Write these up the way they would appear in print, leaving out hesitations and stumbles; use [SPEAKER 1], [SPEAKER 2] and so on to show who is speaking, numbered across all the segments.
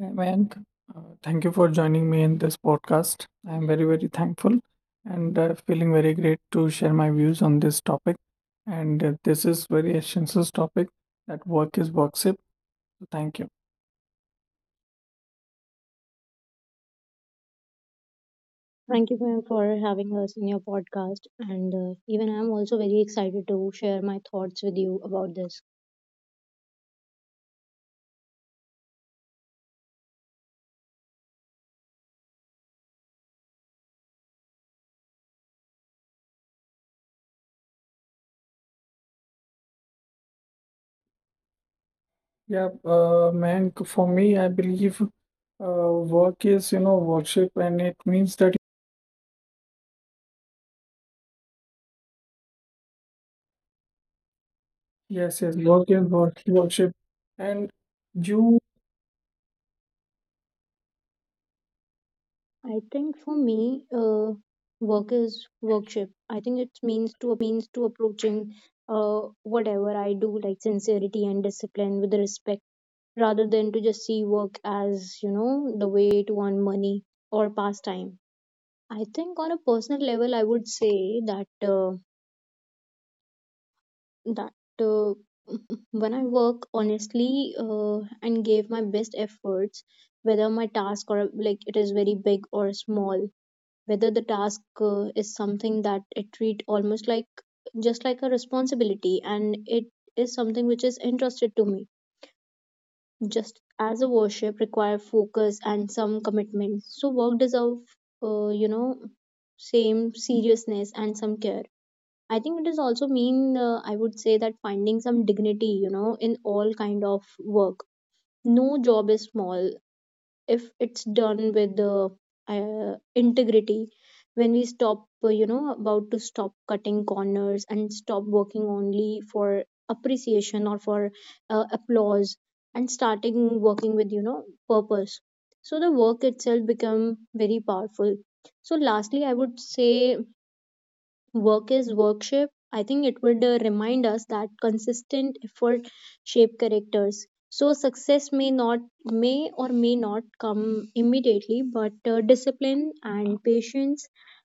[SPEAKER 1] Hi, Mayank. Thank you for joining me in this podcast. I am very, very thankful and feeling very great to share my views on this topic. And this is very essential topic that work is worship. So thank you.
[SPEAKER 2] Thank you, ma'am, for having us in your podcast. And even I'm also very excited to share my thoughts with you about this.
[SPEAKER 1] Yeah, Mayank, for me, I believe work is worship, and it means that yes, yes, work is work, worship, and you
[SPEAKER 2] I think for me, work is worship. I think it means to approaching whatever I do, like sincerity and discipline with respect, rather than to just see work as, the way to earn money or pastime. I think on a personal level, I would say that. That uh, when I work honestly and gave my best efforts, whether my task or like it is very big or small, whether the task is something that I treat almost like just like a responsibility and it is something which is entrusted to me. Just as a worship require focus and some commitment, so work deserve uh, you know same seriousness and some care. I think it is also mean I would say that finding some dignity, in all kind of work. No job is small if it's done with integrity. When we about to stop cutting corners and stop working only for appreciation or for applause and starting working with purpose, so the work itself become very powerful. So lastly I would say work is worship. I think it would remind us that consistent effort shape characters. So success may or may not come immediately, but discipline and patience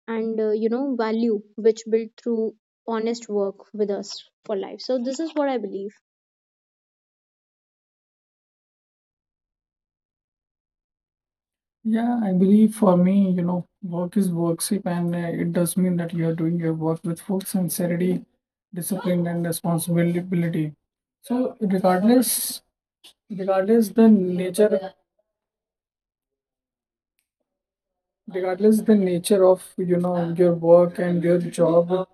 [SPEAKER 2] and value which built through honest work with us for life. So this is what I believe.
[SPEAKER 1] Yeah, I believe for me, you know, work is work, worship, and it does mean that you are doing your work with full sincerity, discipline, and responsibility. So, regardless the nature of your work and your job,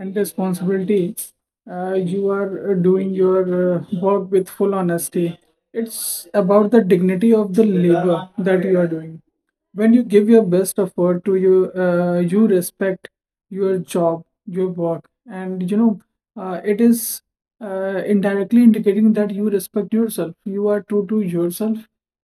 [SPEAKER 1] and responsibility. You are doing your work with full honesty. It's about the dignity of the labor that you are doing. When you give your best effort to you respect your job, your work, and it is indirectly indicating that you respect yourself. You are true to yourself,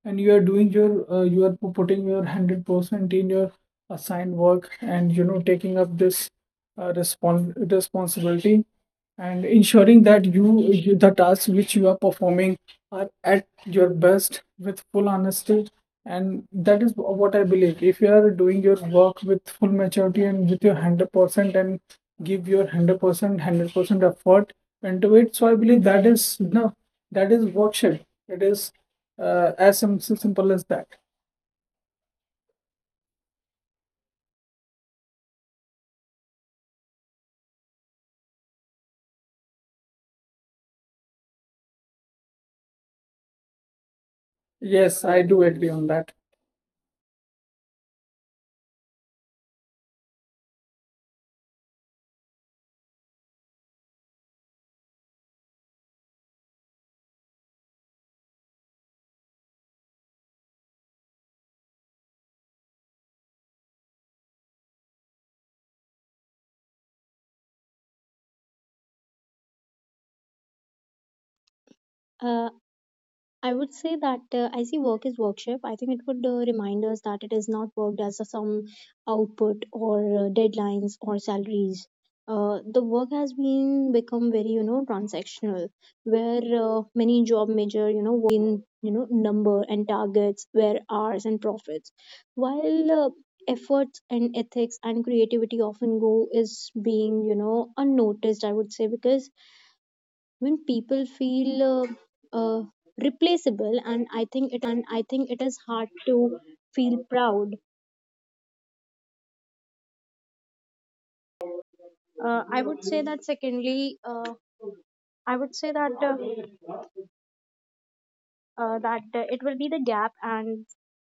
[SPEAKER 1] and you are putting your 100% in your assigned work, and taking up this responsibility and ensuring that you the tasks which you are performing are at your best with full honesty, and that is what I believe. If you are doing your work with full maturity and with your 100% and give your 100% effort into it, so I believe that is no that is worship. It is as simple as that. Yes, I do agree on that.
[SPEAKER 2] Uh, I would say that I see work as workshop. I think it would remind us that it is not worked as a some output or deadlines or salaries. The work has been become very transactional, where many job measure worth only in number and targets, where hours and profits, while efforts and ethics and creativity often go is being unnoticed. I would say because when people feel uh, replaceable, and I think it is hard to feel proud. I would say that. Secondly, I would say that it will be the gap and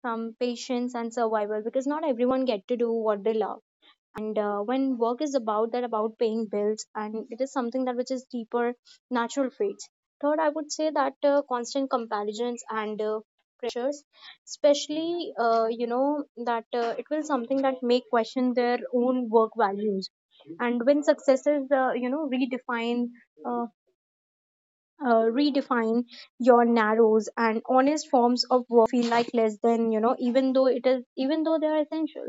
[SPEAKER 2] some patience and survival because not everyone get to do what they love. And when work is about that about paying bills and it is something that which is deeper natural traits. Third, I would say that constant comparisons and pressures, especially that it will something that may question their own work values. And when successes redefine uh, redefine your narrows, and honest forms of workwear feel like less than, even though they are essential.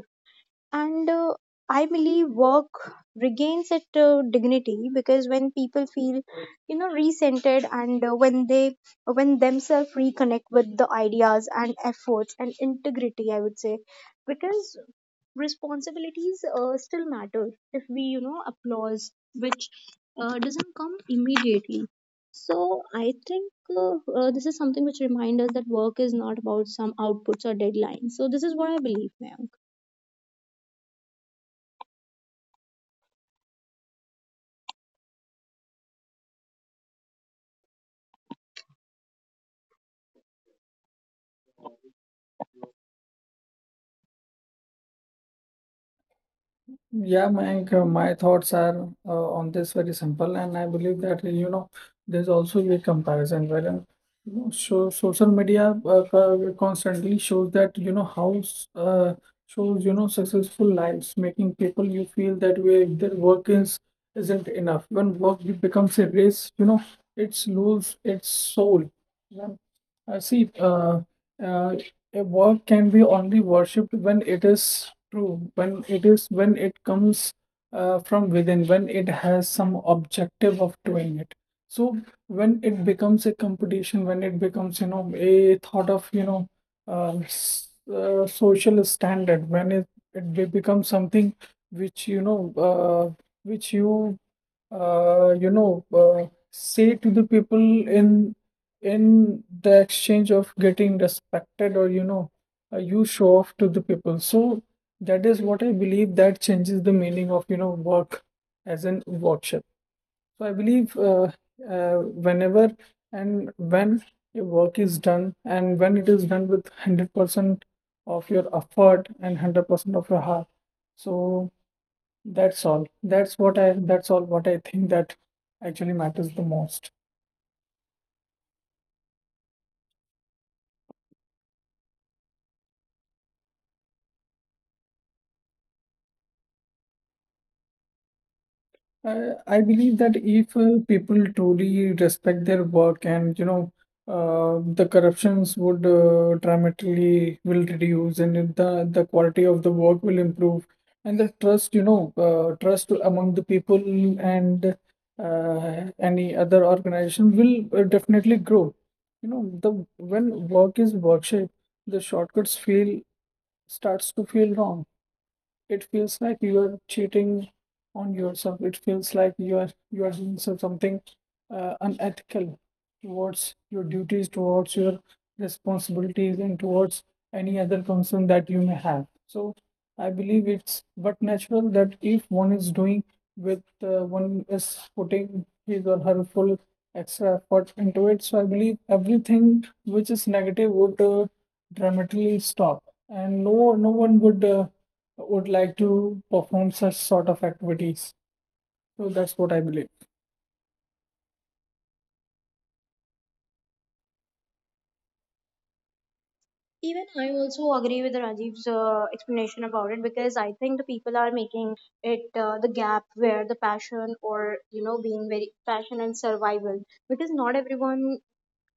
[SPEAKER 2] And I believe work regains its dignity because when people feel recentered, and when they when themselves reconnect with the ideas and efforts and integrity. I would say because responsibilities still matter if we applause which doesn't come immediately. So I think this is something which reminds us that work is not about some outputs or deadlines. So this is what I believe, ma'am.
[SPEAKER 1] Yeah, Mayank, my thoughts are on this very simple, and I believe that there's also a comparison wherein so social media constantly shows that how shows successful lives, making people you feel that way their work is isn't enough. When work becomes a race, it's lose its soul. Yeah. Uh, see, uh, uh, a work can be only worshipped when it is true, when it is when it comes from within, when it has some objective of doing it. So when it becomes a competition, when it becomes, you know, a thought of, you know, social standard, when it becomes something which you know, which you know, say to the people in the exchange of getting respected or you show off to the people. So that is what I believe, that changes the meaning of work as in worship. So I believe uh, whenever and when your work is done and when it is done with 100% of your effort and 100% of your heart, so that's all what I think that actually matters the most. I believe that if people truly respect their work, and the corruptions would dramatically will reduce, and the quality of the work will improve, and the trust trust among the people and any other organization will definitely grow. You know, the when work is worship, the shortcuts feel starts to feel wrong. It feels like you are cheating on yourself. It feels like you are doing something unethical towards your duties, towards your responsibilities, and towards any other concern that you may have. So I believe it's but natural that if one is doing with one is putting his or her full extra effort into it. So I believe everything which is negative would dramatically stop, and no one would like to perform such sort of activities. So that's what I believe.
[SPEAKER 2] Even I also agree with Rajiv's explanation about it because I think the people are making it the gap where the passion or being very passion and survival because not everyone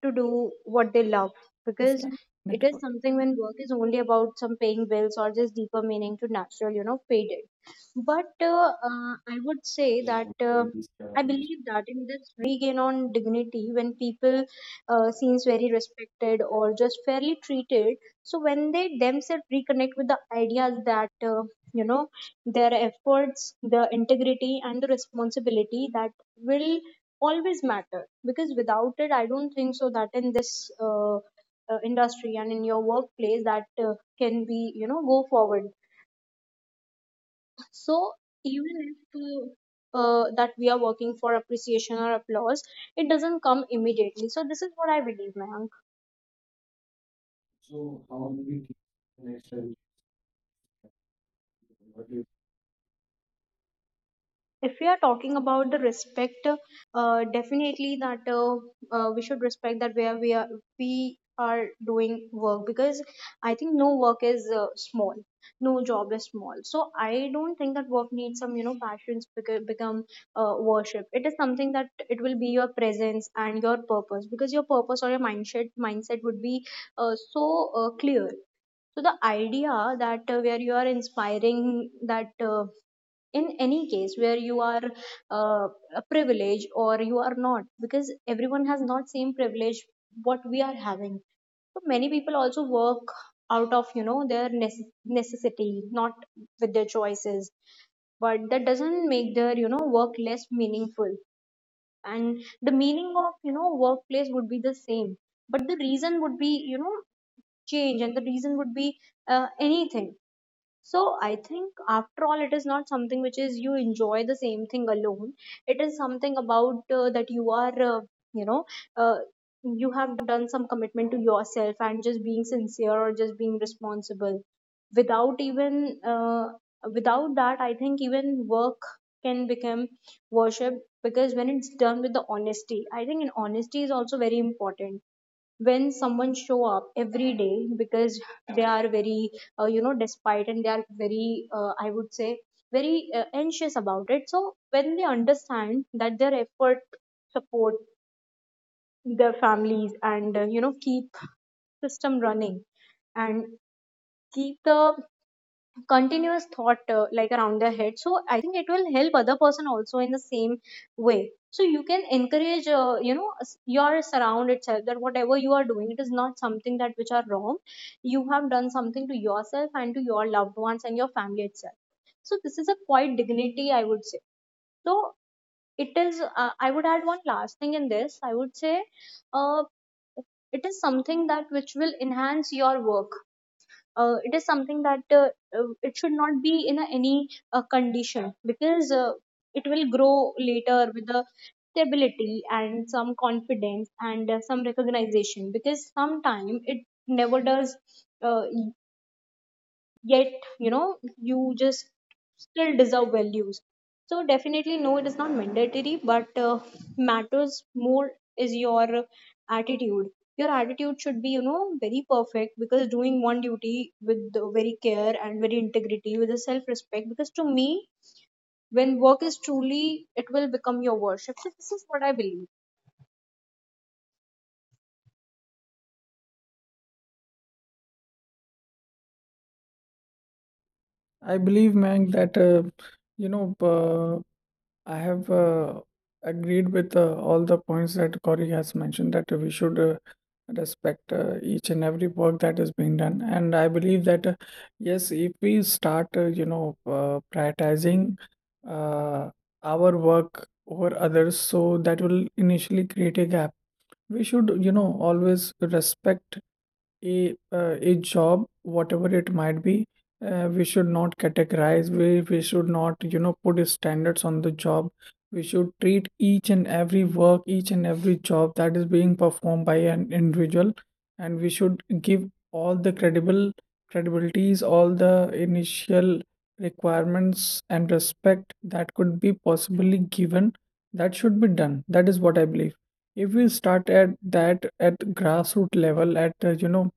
[SPEAKER 2] to do what they love,
[SPEAKER 1] This
[SPEAKER 2] because
[SPEAKER 1] kind of
[SPEAKER 2] it is
[SPEAKER 1] network.
[SPEAKER 2] something when work is only about some paying bills or just deeper meaning to natural, faded. But I would say that I believe that in this regain on dignity, when people seems very respected or just fairly treated, so when they themselves reconnect with the ideas that you know their efforts, the integrity and the responsibility that will always matter. Because without it I don't think so that in this industry and in your workplace that can be go forward. So even if that we are working for appreciation or applause, it doesn't come immediately. So this is what I believe, man. If we are talking about the respect, definitely that we should respect that where we are doing work because I think no work is small, no job is small. So I don't think that work needs some passions become worship. It is something that it will be your presence and your purpose, because your purpose or your mindset would be so clear. So the idea that where you are inspiring that in any case where you are uh, privileged or you are not, because everyone has not same privilege what we are having. So many people also work out of their necessity, not with their choices, but that doesn't make their work less meaningful. And the meaning of workplace would be the same, but the reason would be change and the reason would be anything. So I think after all, it is not something which is you enjoy the same thing alone. It is something about that you are, you know, uh, you have done some commitment to yourself and just being sincere or just being responsible. Without even, without that, I think even work can become worship because when it's done with the honesty, I think in honesty is also very important, when someone show up every day because they are very despite and they are very I would say very anxious about it. So when they understand that their effort support their families and keep system running and keep the continuous thought like around their head. So I think it will help other person also in the same way. So you can encourage your surround itself that whatever you are doing it is not something that which are wrong. You have done something to yourself and to your loved ones and your family itself. So this is a quite dignity I would say. So it is I would add one last thing in this. I would say uh, it is something that which will enhance your work. Uh, it is something that it should not be in a, any condition, because it will grow later with the stability and some confidence and some recognition, because sometime it never does, uh, yet you just still deserve values. So definitely no, it is not mandatory, but matters more is your attitude. Your attitude should be very perfect, because doing one duty with the very care and very integrity with a self respect, because to me when work is truly, it will become your worship. So this is what I believe.
[SPEAKER 1] I believe, Mang, that you know. Uh, I have agreed with all the points that Corey has mentioned, that we should respect each and every work that is being done. And I believe that, yes, if we start, prioritizing uh, our work over others, so that will initially create a gap. We should, always respect a job, whatever it might be. We should not categorize, we should not put standards on the job. We should treat each and every work, each and every job that is being performed by an individual, and we should give all the credible credibilities, all the initial requirements and respect that could be possibly given, that should be done. That is what I believe. If we start at that at grassroots level, at uh, you know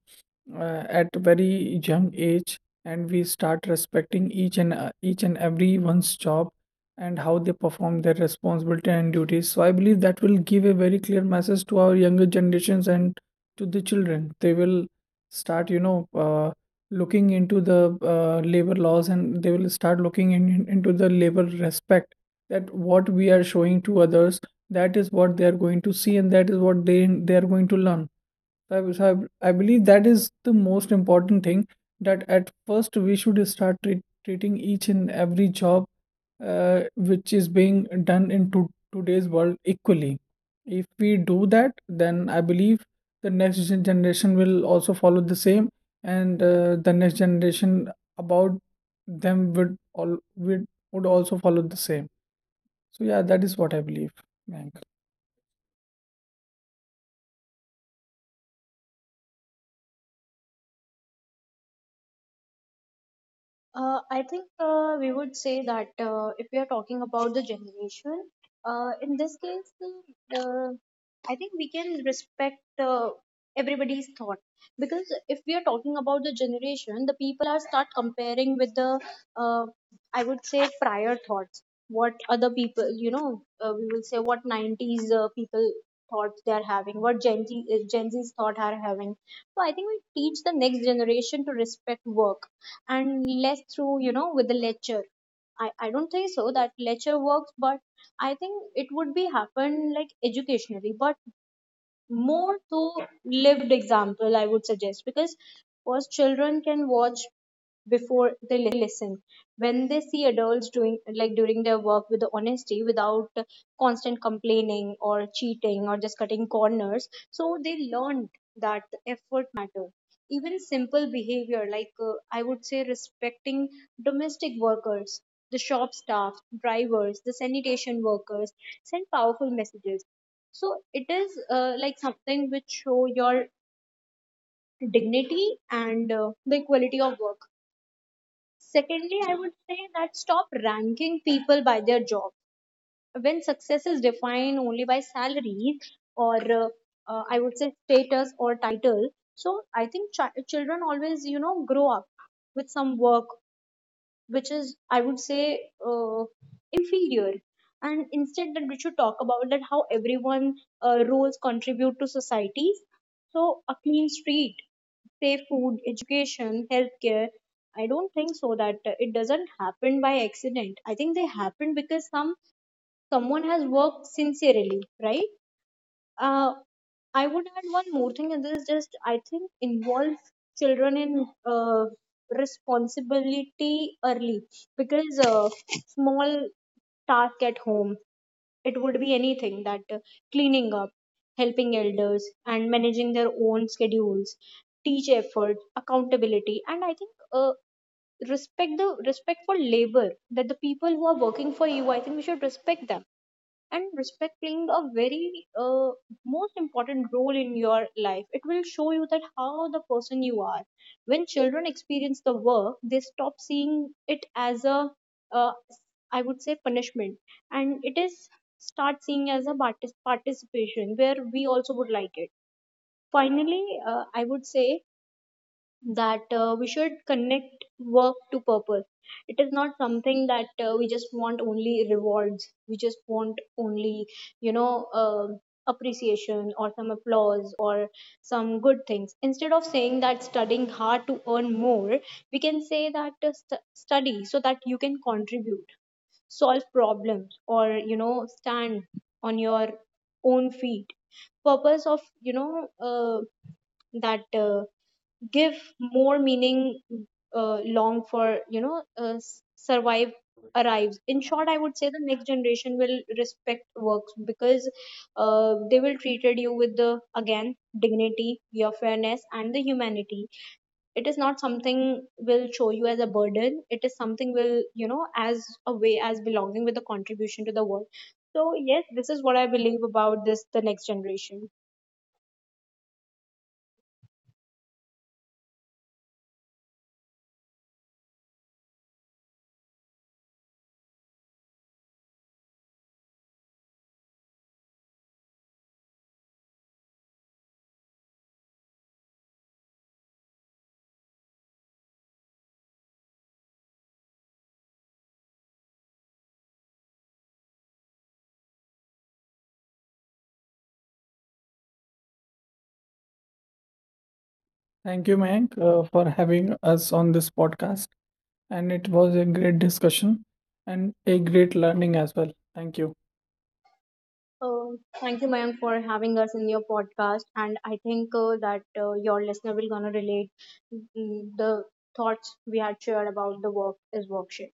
[SPEAKER 1] uh, at very young age, and we start respecting each and everyone's job and how they perform their responsibility and duties, so I believe that will give a very clear message to our younger generations and to the children. They will start looking into the labor laws, and they will start looking into the labor respect that what we are showing to others. That is what they are going to see, and that is what they are going to learn. So I was- so I believe that is the most important thing, that at first we should start treating each and every job which is being done in today's world equally. If we do that, then I believe the next generation will also follow the same, and the next generation about them would also follow the same. So yeah, that is what I believe, Mayank.
[SPEAKER 2] I think we would say that if we are talking about the generation, in this case, uh, I think we can respect everybody's thought. Because if we are talking about the generation, the people are start comparing with the, uh, I would say, prior thoughts. What other people, we will say what 90s people thoughts they are having, what Gen Z's thought are having. So I think we teach the next generation to respect work and less through with the lecture. I don't think so that lecture works, but I think it would be happen like educationally but more to lived example I would suggest, because first children can watch before they listen. When they see adults doing like during their work with the honesty without constant complaining or cheating or just cutting corners, so they learned that the effort matter. Even simple behavior like, I would say, respecting domestic workers, the shop staff, drivers, the sanitation workers send powerful messages. So it is like something which show your dignity and the quality of work. Secondly, I would say that stop ranking people by their job. When success is defined only by salary or I would say status or title, so I think children always grow up with some work which is, I would say, uh, inferior. And instead that we should talk about that how everyone roles contribute to society. So a clean street, safe food, education, healthcare, I don't think so that it doesn't happen by accident. I think they happen because someone has worked sincerely, right? Uh, I would add one more thing, and this is just I think involve children in responsibility early because small task at home. It would be anything that cleaning up, helping elders, and managing their own schedules, teach effort, accountability, and I think respect, the respect for labor, that the people who are working for you, I think we should respect them, and respect playing a very most important role in your life. It will show you that how the person you are. When children experience the work they stop seeing it as a, uh, I would say, punishment, and it is start seeing as a participation where we also would like it. Finally, I would say that we should connect work to purpose. It is not something that we just want only rewards. We just want only, you know, uh, appreciation or some applause or some good things. Instead of saying that studying hard to earn more, we can say that study so that you can contribute, solve problems, or, stand on your own feet. Purpose of, that. Give more meaning long for survive arrives. In short, I would say the next generation will respect works because they will treated you with the again dignity, your fairness and the humanity. It is not something will show you as a burden. It is something will as a way, as belonging with a contribution to the world. So yes, this is what I believe about this, the next generation.
[SPEAKER 1] Thank you, Mayank, for having us on this podcast. And it was a great discussion and a great learning as well. Thank you.
[SPEAKER 2] Thank you, Mayank, for having us in your podcast. And I think that your listener will gonna relate the thoughts we had shared about the work is worksheet.